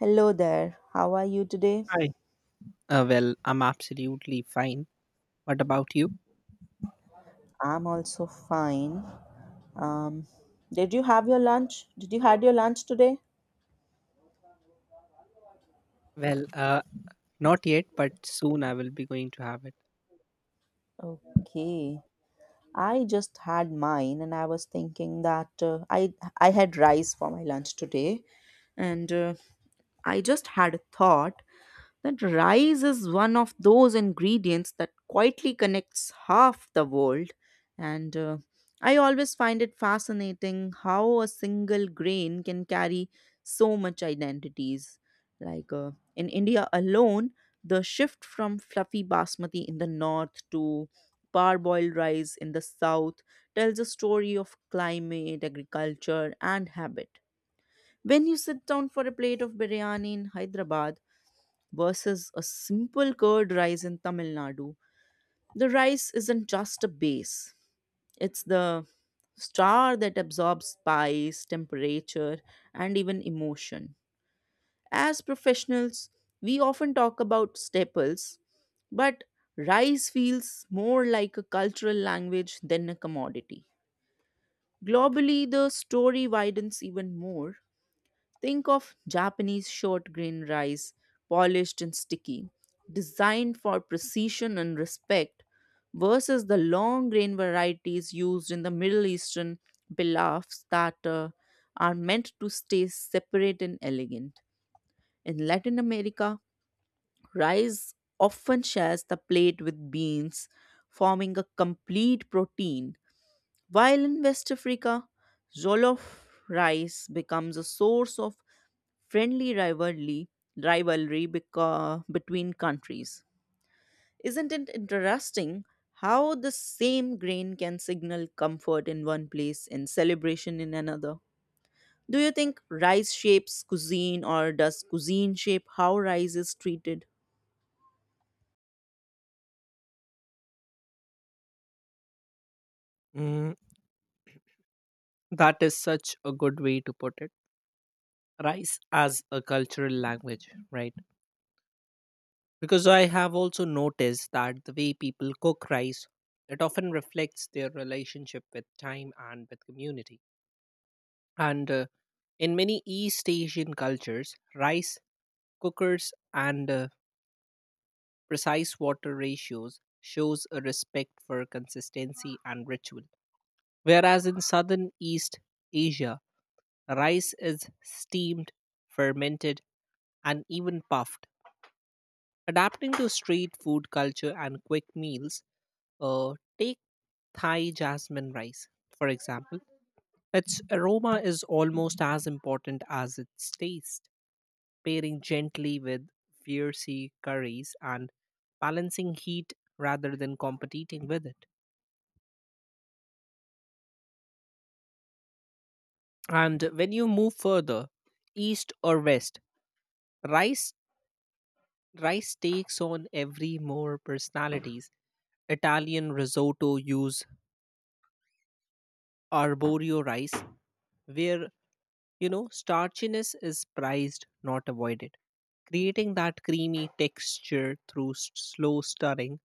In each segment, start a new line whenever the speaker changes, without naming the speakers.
Hello there. How are you today?
Hi. I'm absolutely fine. What about you?
I'm also fine. Um, did you have your lunch? Did you had your lunch today?
Well, uh, Not yet, but soon I will be going to have it.
Okay. I just had mine, and I was thinking that I had rice for my lunch today, and I just had a thought that rice is one of those ingredients that quietly connects half the world. And I always find it fascinating how a single grain can carry so much identities. Like, in India alone, the shift from fluffy basmati in the north to parboiled rice in the south tells a story of climate, agriculture, and habit. When you sit down for a plate of biryani in Hyderabad, versus a simple curd rice in Tamil Nadu. The rice isn't just a base, it's the star that absorbs spice, temperature, and even emotion. As professionals, we often talk about staples, but rice feels more like a cultural language than a commodity. Globally, the story widens even more. Think of Japanese short grain rice, polished and sticky, designed for precision and respect, versus the long grain varieties used in the Middle Eastern pilafs that are meant to stay separate and elegant. In Latin America, rice often shares the plate with beans, forming a complete protein while in West Africa, Jollof rice becomes a source of friendly rivalry, between countries. Isn't it interesting how the same grain can signal comfort in one place and celebration in another? Do you think rice shapes cuisine or does cuisine shape how rice is treated?
Mm, that is such a good way to put it. Rice as a cultural language, right? Because I have also noticed that the way people cook rice, it often reflects their relationship with time and with community. And In many East Asian cultures, rice cookers and precise water ratios shows a respect for consistency and ritual. Whereas in southern East Asia, rice is steamed, fermented, and even puffed. Adapting to street food culture and quick meals, take Thai jasmine rice, for example. Its aroma is almost as important as its taste, pairing gently with fiery curries and balancing heat rather than competing with it. And when you move further, east or west, rice rice takes on every more personalities. Italian risotto use arborio rice, where you know starchiness is prized, not avoided, creating that creamy texture through slow stirring,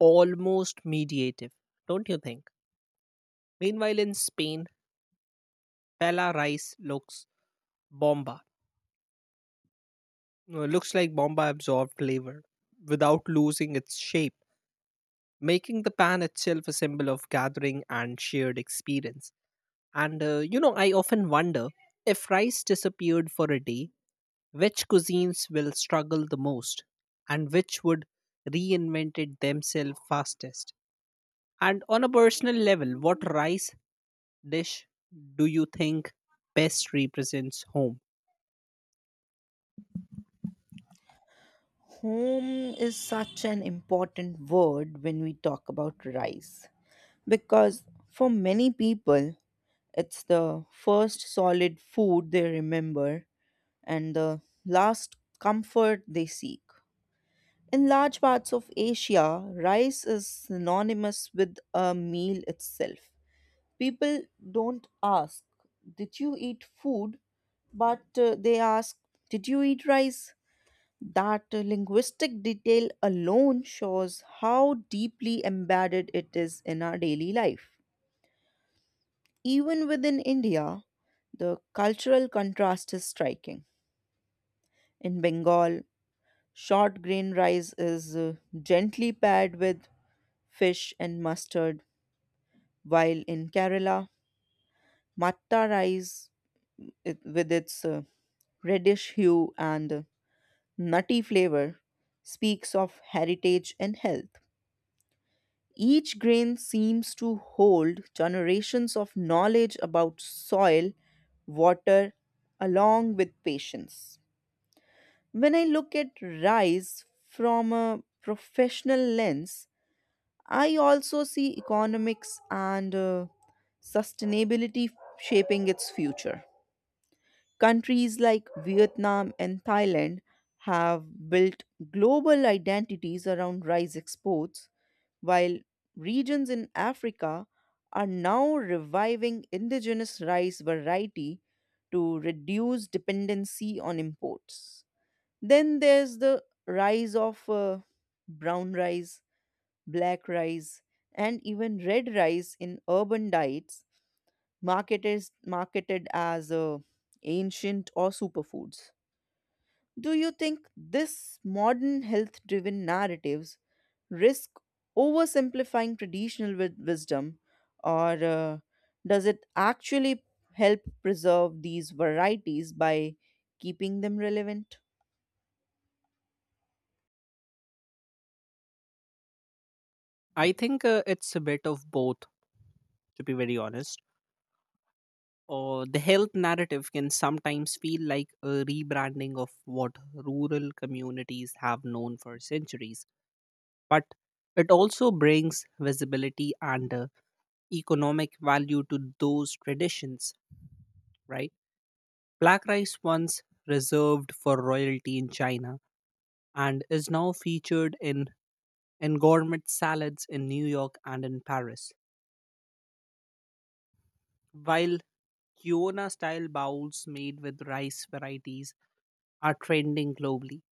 almost mediative. Don't you think? Meanwhile, in Spain, pella rice looks bomba, looks like bomba absorbed flavor without losing its shape, making the pan itself a symbol of gathering and shared experience. And You know, I often wonder if rice disappeared for a day, which cuisines will struggle the most and which would reinvent it themselves fastest. And on a personal level, what rice dish do you think best represents home?
Home is such an important word when we talk about rice because for many people, it's the first solid food they remember and the last comfort they seek. In large parts of Asia, rice is synonymous with a meal itself. People don't ask, did you eat food? But they ask, did you eat rice? That linguistic detail alone shows how deeply embedded it is in our daily life. Even within India, the cultural contrast is striking. In Bengal, short grain rice is gently paired with fish and mustard, while in Kerala, matta rice it, with its reddish hue and nutty flavor speaks of heritage and health. Each grain seems to hold generations of knowledge about soil, water, along with patience. When I look at rice from a professional lens, I also see economics and sustainability shaping its future. Countries like Vietnam and Thailand have built global identities around rice exports, while regions in Africa are now reviving indigenous rice variety to reduce dependency on imports. Then there's the rise of brown rice, black rice, and even red rice in urban diets, marketed as ancient or superfoods. Do you think this modern health-driven narratives risk oversimplifying traditional wisdom, or does it actually help preserve these varieties by keeping them relevant?
I think it's a bit of both, to be very honest. Or the health narrative can sometimes feel like a rebranding of what rural communities have known for centuries. But it also brings visibility and economic value to those traditions, right? Black rice once reserved for royalty in China and is now featured in gourmet salads in New York and in Paris. While Kiona style bowls made with rice varieties are trending globally.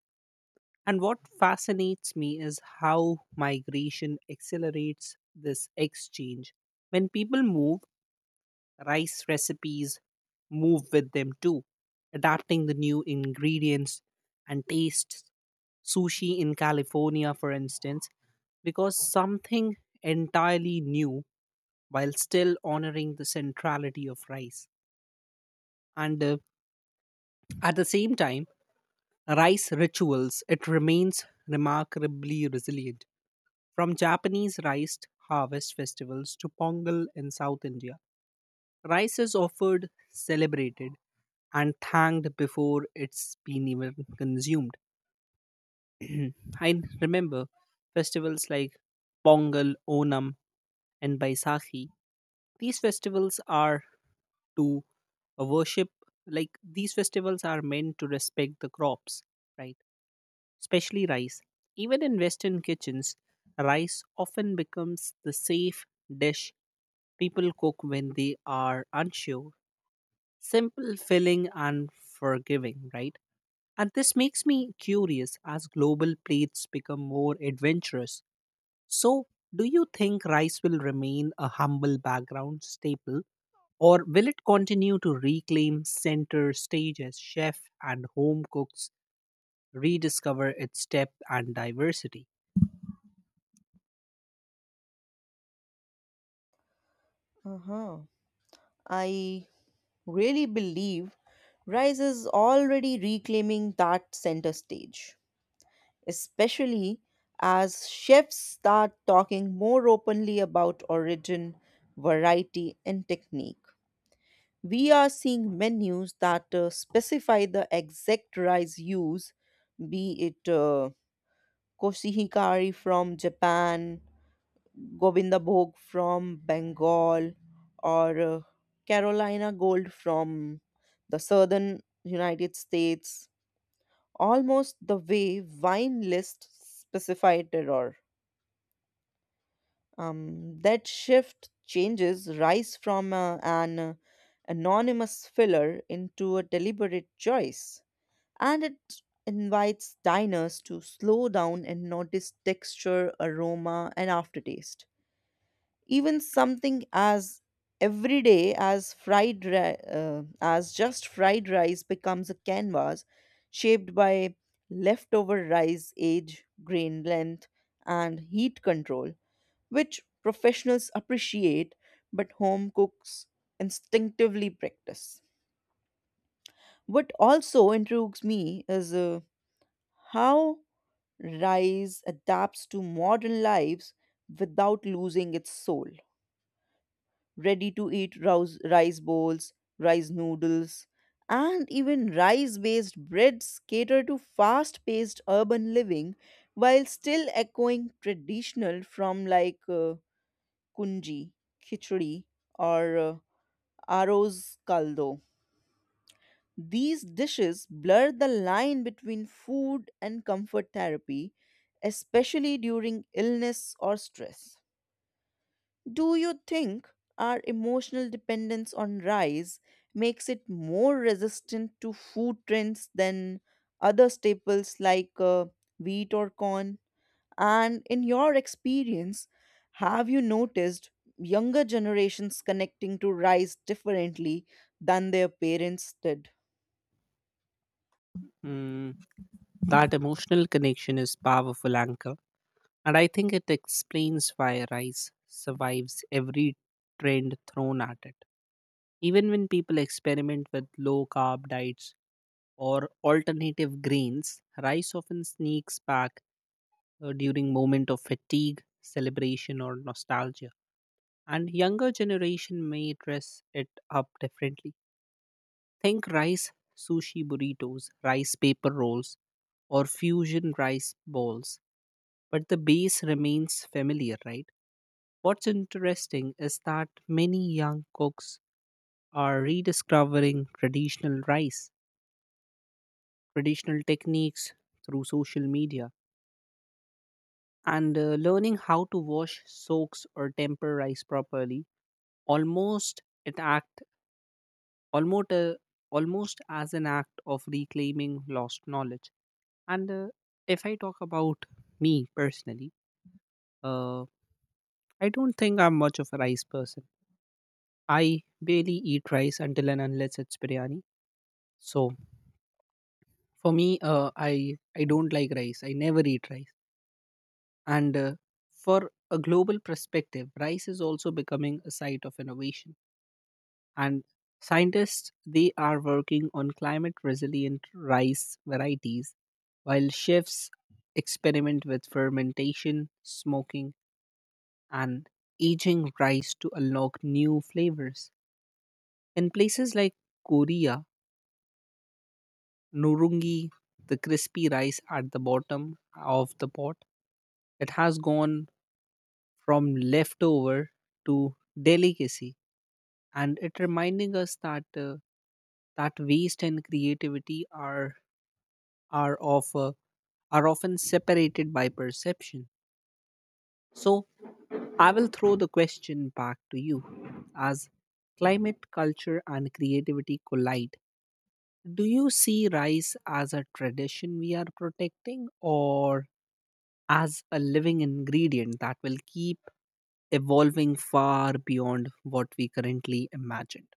And what fascinates me is how migration accelerates this exchange. When people move, rice recipes move with them too, adapting the new ingredients and tastes. Sushi in California, for instance, because something entirely new while still honoring the centrality of rice. And At the same time, rice rituals, it remains remarkably resilient. From Japanese rice harvest festivals to Pongal in South India, rice is offered, celebrated, and thanked before it's been even consumed. I remember festivals like Pongal, Onam, and Baisakhi. These festivals are to worship, these festivals are meant to respect the crops, right? Especially rice. Even in Western kitchens, rice often becomes the safe dish people cook when they are unsure. Simple, filling, and forgiving, right? And this makes me curious as global plates become more adventurous. So, do you think rice will remain a humble background staple, or will it continue to reclaim center stage as chef and home cooks rediscover its depth and diversity?
Uh huh. I really believe Rise is already reclaiming that center stage, especially as chefs start talking more openly about origin, variety, and technique. We are seeing menus that specify the exact rice use, be it koshihikari from Japan, Govinda Gobindabhog from Bengal or Carolina gold from the southern United States, almost the way wine lists specify terroir. That shift changes rice from an anonymous filler into a deliberate choice, and it invites diners to slow down and notice texture, aroma, and aftertaste. Even something as everyday as just fried rice becomes a canvas shaped by leftover rice age grain length and heat control, which professionals appreciate but home cooks instinctively practice. What also intrigues me is how rice adapts to modern lives without losing its soul, ready to eat rice bowls, rice noodles, and even rice based breads cater to fast paced urban living while still echoing traditional from like kunji, khichdi, or aros kaldo. These dishes blur the line between food and comfort therapy, especially during illness or stress. Do you think our emotional dependence on rice makes it more resistant to food trends than other staples like wheat or corn? And in your experience, have you noticed younger generations connecting to rice differently than their parents did?
Hmm, that emotional connection is powerful, Anka. And I think it explains why rice survives every trend thrown at it. Even when people experiment with low carb diets or alternative grains, rice often sneaks back during moment of fatigue, celebration or nostalgia. And younger generation may dress it up differently. Think rice sushi burritos, rice paper rolls or fusion rice balls, but the base remains familiar, right? What's interesting is that many young cooks are rediscovering traditional techniques through social media, and learning how to wash, soaks, or temper rice properly. Almost it act almost uh, Almost as an act of reclaiming lost knowledge. And If I talk about me personally, uh, I don't think I'm much of a rice person. I barely eat rice until and unless it's biryani. So for me, I don't like rice, I never eat rice. And For a global perspective, rice is also becoming a site of innovation, and scientists, they are working on climate resilient rice varieties, while chefs experiment with fermentation, smoking, and aging rice to unlock new flavors. In places like Korea, nurungi, the crispy rice at the bottom of the pot, it has gone from leftover to delicacy. And it reminding us that waste and creativity are of uh, are often separated by perception. So I will throw the question back to you. As climate, culture and creativity collide, do you see rice as a tradition we are protecting or as a living ingredient that will keep evolving far beyond what we currently imagine?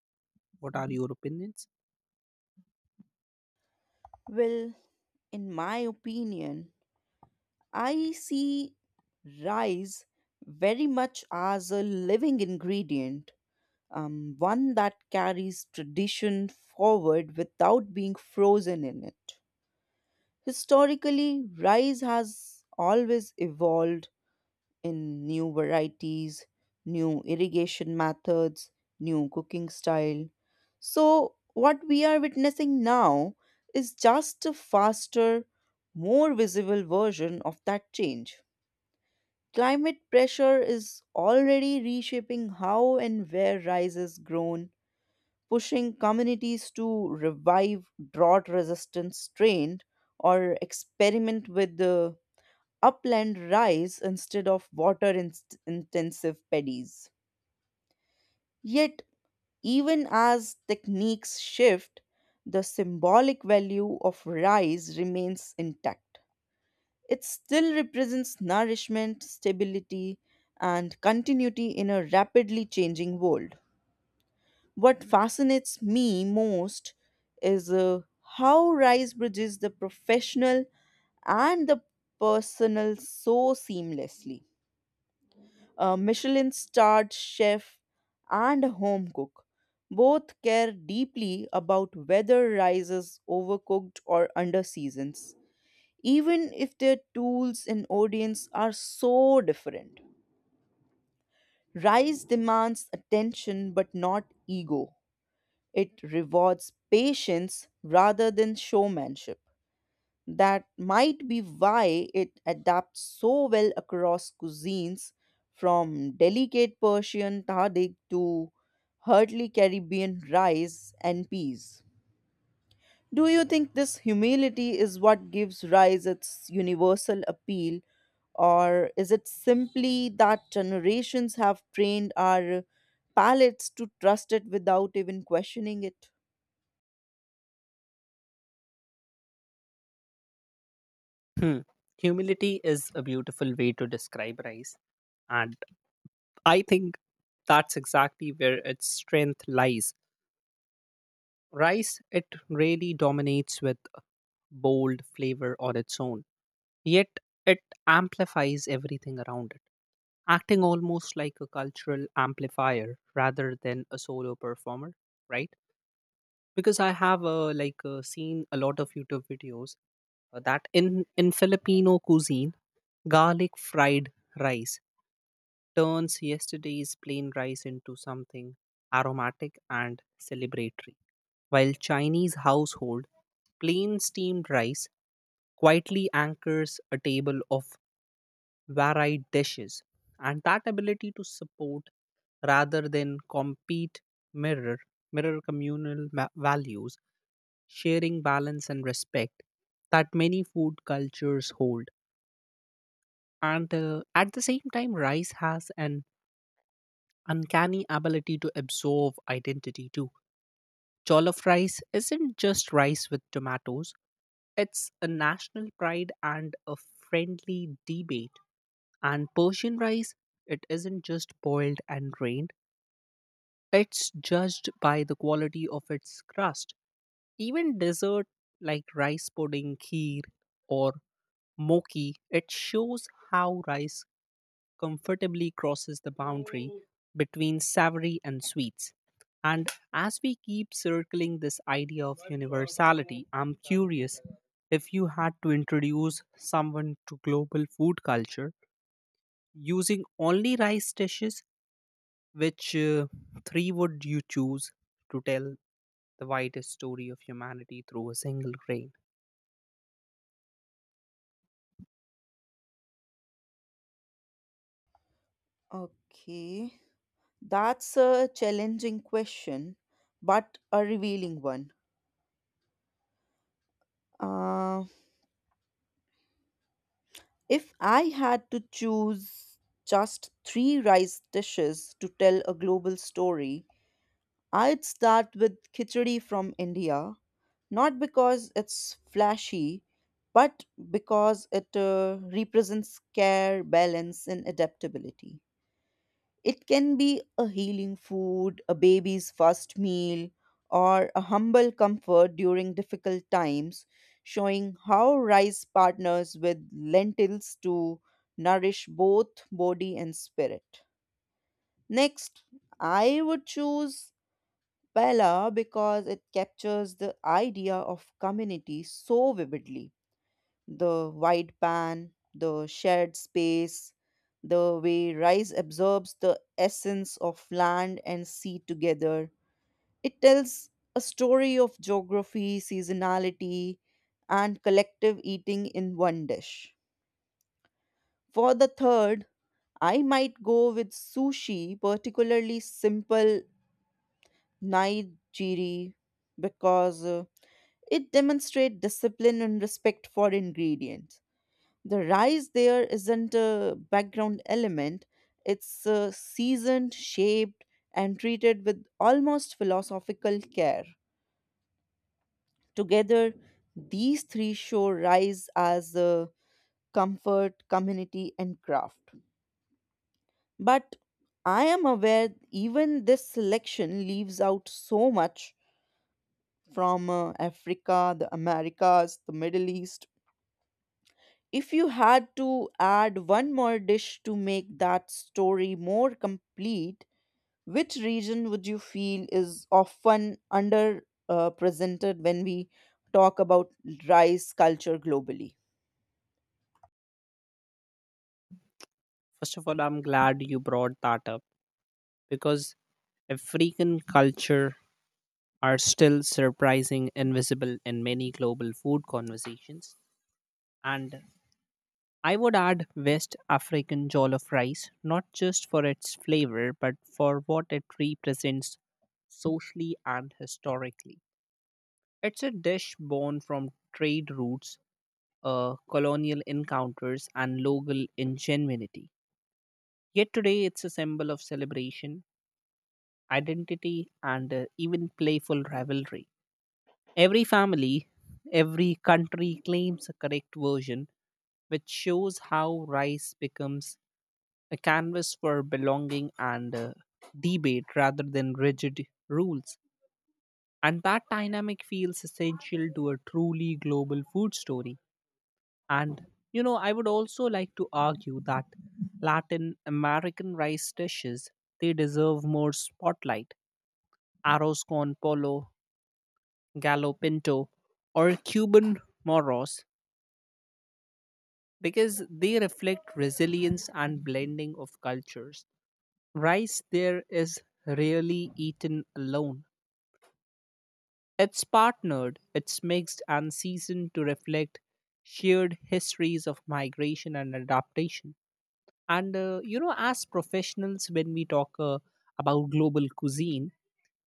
What are your opinions?
Well, in my opinion, I see rice very much as a living ingredient, one that carries tradition forward without being frozen in it. Historically, rice has always evolved in new varieties, new irrigation methods, new cooking style. So, what we are witnessing now is just a faster, more visible version of that change. Climate pressure is already reshaping how and where rice is grown, pushing communities to revive drought resistant strain or experiment with the upland rice instead of water intensive paddies. Yet, even as techniques shift, the symbolic value of rice remains intact. It still represents nourishment, stability, and continuity in a rapidly changing world. What fascinates me most is how Rice bridges the professional and the personal so seamlessly. A Michelin starred chef and a home cook both care deeply about whether rice is overcooked or under seasons, even if their tools and audience are so different. Rice demands attention but not ego. It rewards patience rather than showmanship. That might be why it adapts so well across cuisines, from delicate Persian tadik to hearty Caribbean rice and peas. Do you think this humility is what gives rice its universal appeal, or is it simply that generations have trained our palates to trust it without even questioning it?
Hmm. Humility is a beautiful way to describe rice. And I think that's exactly where its strength lies. Rice, it really dominates with bold flavor on its own, yet it amplifies everything around it, acting almost like a cultural amplifier rather than a solo performer, right? Because I have seen a lot of YouTube videos that in Filipino cuisine, garlic fried rice turns yesterday's plain rice into something aromatic and celebratory, while Chinese household plain steamed rice quietly anchors a table of varied dishes, and that ability to support rather than compete mirror mirror values, sharing balance and respect that many food cultures hold. And At the same time, rice has an uncanny ability to absorb identity too. Jollof rice isn't just rice with tomatoes, it's a national pride and a friendly debate. And Persian rice, it isn't just boiled and drained, it's judged by the quality of its crust. Even dessert like rice pudding, kheer, or mochi, it shows how rice comfortably crosses the boundary between savory and sweets. And as we keep circling this idea of universality, I'm curious, if you had to introduce someone to global food culture using only rice dishes, which three would you choose to tell the widest story of humanity through a single grain?
Okay, that's a challenging question, but a revealing one. Uh, if I had to choose just three rice dishes to tell a global story, I'd start with khichdi from India, not because it's flashy, but because it represents care, balance, and adaptability. It can be a healing food, a baby's first meal, or a humble comfort during difficult times, showing how rice partners with lentils to nourish both body and spirit. Next, I would choose Pella because it captures the idea of community so vividly, the wide pan, the shared space, the way rice absorbs the essence of land and sea together. It tells a story of geography, seasonality, and collective eating in one dish. For the third, I might go with sushi, particularly simple nigiri, because it demonstrates discipline and respect for ingredients. The rice there isn't a background element, it's seasoned shaped and treated with almost philosophical care. Together these three show rise as comfort community and craft, but I am aware even this selection leaves out so much, from africa the americas the middle east. If you had to add one more dish to make that story more complete, which region would you feel is often under presented when we talk about rice culture globally?
First of all, I'm glad you brought that up because African culture are still surprising invisible in many global food conversations. And I would add West African jollof rice, not just for its flavor, but for what it represents socially and historically. It's a dish born from trade routes, colonial encounters, and local ingenuity. Yet today, it's a symbol of celebration, identity, and even playful rivalry. Every family, every country claims a correct version, which shows how rice becomes a canvas for belonging and debate rather than rigid rules. And that dynamic feels essential to a truly global food story. And you know, I would also like to argue that Latin American rice dishes, they deserve more spotlight. Arroz con polo, gallo pinto, or Cuban moros, because they reflect resilience and blending of cultures. Rice there is rarely eaten alone. It's partnered, it's mixed and seasoned to reflect shared histories of migration and adaptation. And You know, as professionals, when we talk about global cuisine,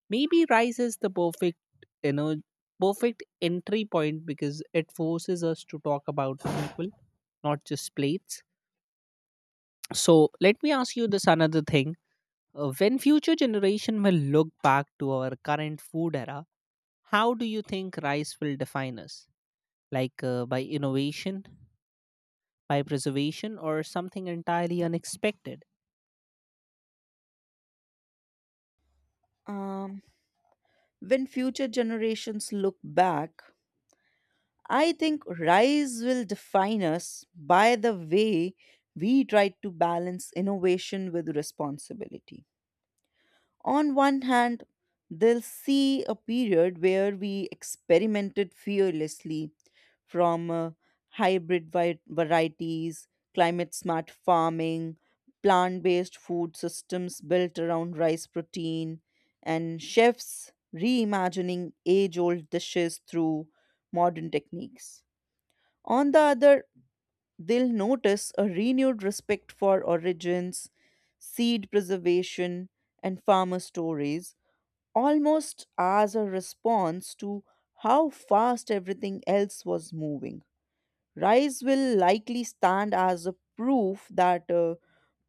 maybe rice is the you know, perfect entry point because it forces us to talk about people, not just plates. So let me ask you this another thing. When future generation will look back to our current food era, how do you think rice will define us? Like by innovation, by preservation, or something entirely unexpected?
Um, When future generations look back, I think RISE will define us by the way we try to balance innovation with responsibility. On one hand, they'll see a period where we experimented fearlessly from varieties, climate smart farming, plant based food systems built around rice protein, and chefs reimagining age old dishes through modern techniques. On the other, they'll notice a renewed respect for origins, seed preservation, and farmer stories almost as a response to how fast everything else was moving. Rise will likely stand as a proof that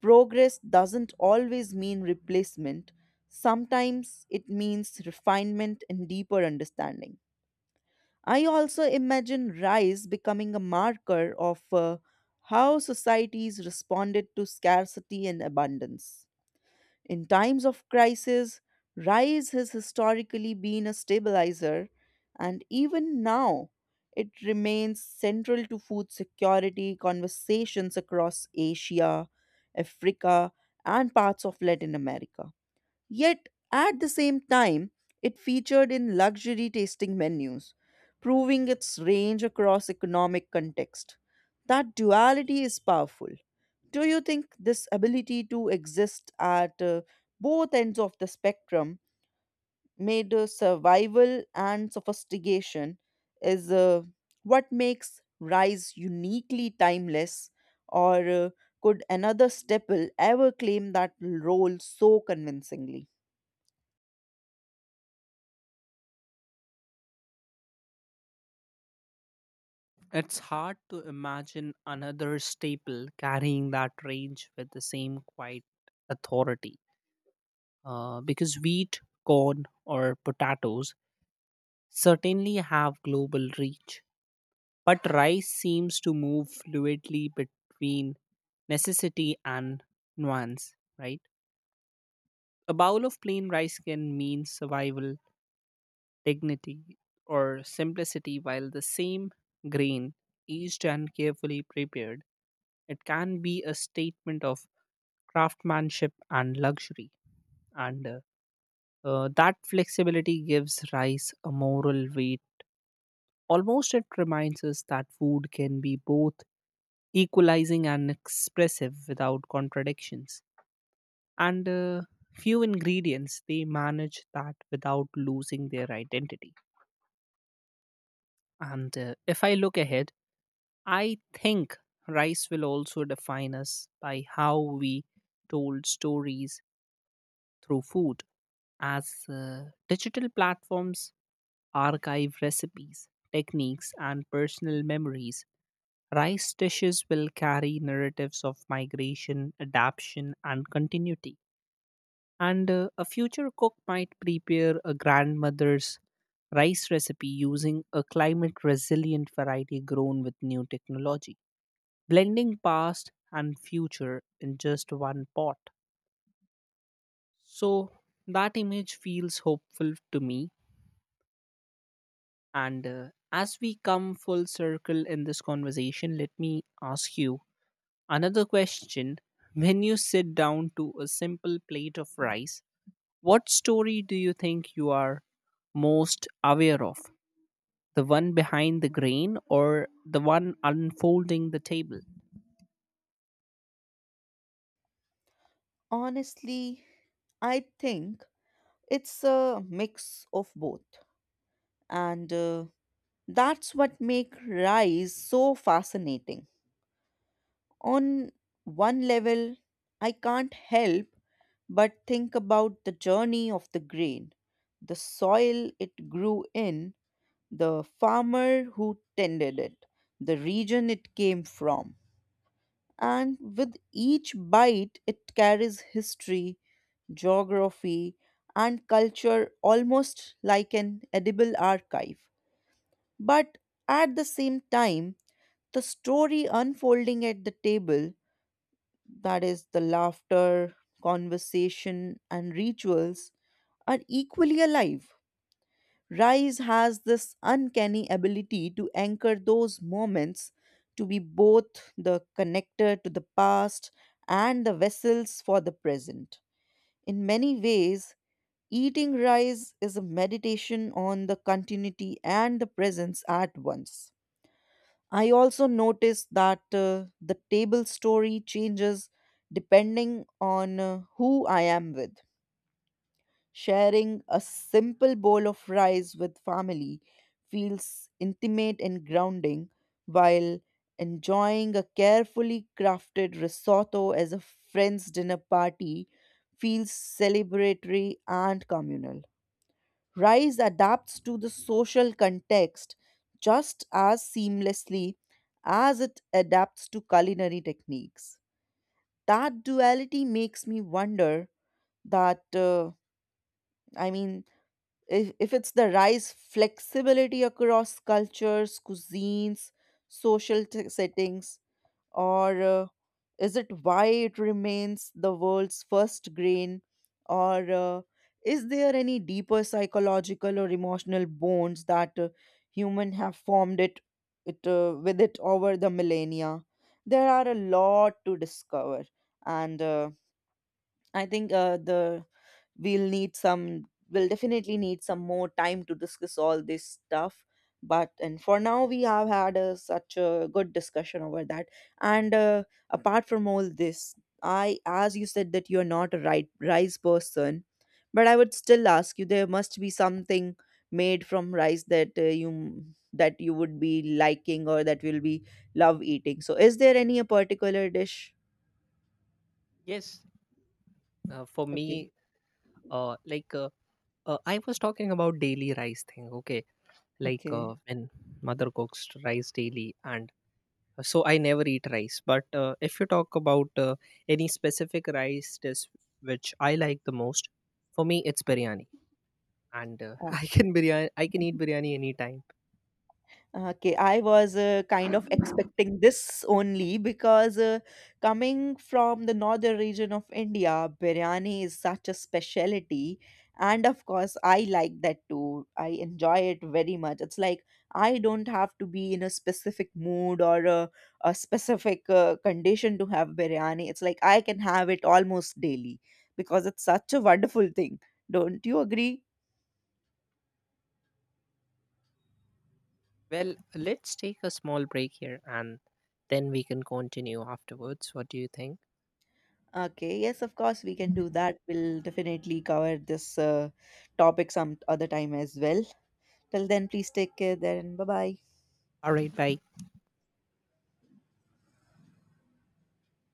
progress doesn't always mean replacement, sometimes it means refinement and deeper understanding. I also imagine Rise becoming a marker of how societies responded to scarcity and abundance. In times of crisis, rice has historically been a stabilizer, and even now it remains central to food security conversations across Asia, Africa, and parts of Latin America. Yet, at the same time, it featured in luxury tasting menus, proving its range across economic context. That duality is powerful. Do you think this ability to exist at both ends of the spectrum, made survival and sophistication, is what makes Rise uniquely timeless, or could another staple ever claim that role so convincingly?
It's hard to imagine another staple carrying that range with the same quiet authority. Because wheat, corn, or potatoes certainly have global reach. But rice seems to move fluidly between necessity and nuance, right? A bowl of plain rice can mean survival, dignity, or simplicity, while the same grain, aged and carefully prepared, it can be a statement of craftsmanship and luxury. And That flexibility gives rice a moral weight. Almost it reminds us that food can be both equalizing and expressive without contradictions. And Few ingredients, they manage that without losing their identity. And If I look ahead, I think rice will also define us by how we told stories through food. As digital platforms archive recipes, techniques, and personal memories, rice dishes will carry narratives of migration, adaptation, and continuity. And A future cook might prepare a grandmother's rice recipe using a climate resilient variety grown with new technology, blending past and future in just one pot. So that image feels hopeful to me. And As we come full circle in this conversation, let me ask you another question. When you sit down to a simple plate of rice, what story do you think you are most aware of? The one behind the grain or the one unfolding the table?
Honestly, I think it's a mix of both, and that's what make rise so fascinating. On one level I can't help but think about the journey of the grain, the soil it grew in, the farmer who tended it, the region it came from, and with each bite it carries history, geography, and culture, almost like an edible archive. But at the same time, the story unfolding at the table, that is, the laughter, conversation, and rituals are equally alive. Rise has this uncanny ability to anchor those moments, to be both the connector to the past and the vessels for the present. In many ways, eating rice is a meditation on the continuity and the presence at once. I also noticed that the table story changes depending on who I am with. Sharing a simple bowl of rice with family feels intimate and grounding, while enjoying a carefully crafted risotto as a friend's dinner party feels celebratory and communal. Rice adapts to the social context just as seamlessly as it adapts to culinary techniques. That duality makes me wonder that, I mean, if it's the rice flexibility across cultures, cuisines, settings, or is it why it remains the world's first grain, or is there any deeper psychological or emotional bonds that human have formed it, it with it over the millennia. There are a lot to discover, and I think the we'll need some we'll definitely need some more time to discuss all this stuff, but and for now we have had a, such a good discussion over that. And apart from all this, I as you said that you're not a right rice person, but I would still ask you there must be something made from rice that you that you would be liking or that will be love eating, so is there any a particular dish.
Yes, for
Okay.
me, uh, like uh, I was talking about daily rice thing. Okay, like
Okay.
when mother cooks rice daily, and so I never eat rice. But if you talk about any specific rice dish which I like the most, for me it's biryani. And
uh,
I can biryani. I can eat biryani anytime.
Okay, I was kind of expecting this only because coming from the northern region of India, biryani is such a specialty. And of course, I like that too. I enjoy it very much. It's like I don't have to be in a specific mood or a specific condition to have biryani. It's like I can have it almost daily because it's such a wonderful thing. Don't you agree?
Well, let's take a small break here, and then we can continue afterwards. What do you think?
Okay, yes, of course, we can do that. We'll definitely cover this topic some other time as well. Till then, please take care then. Bye bye.
All right, bye.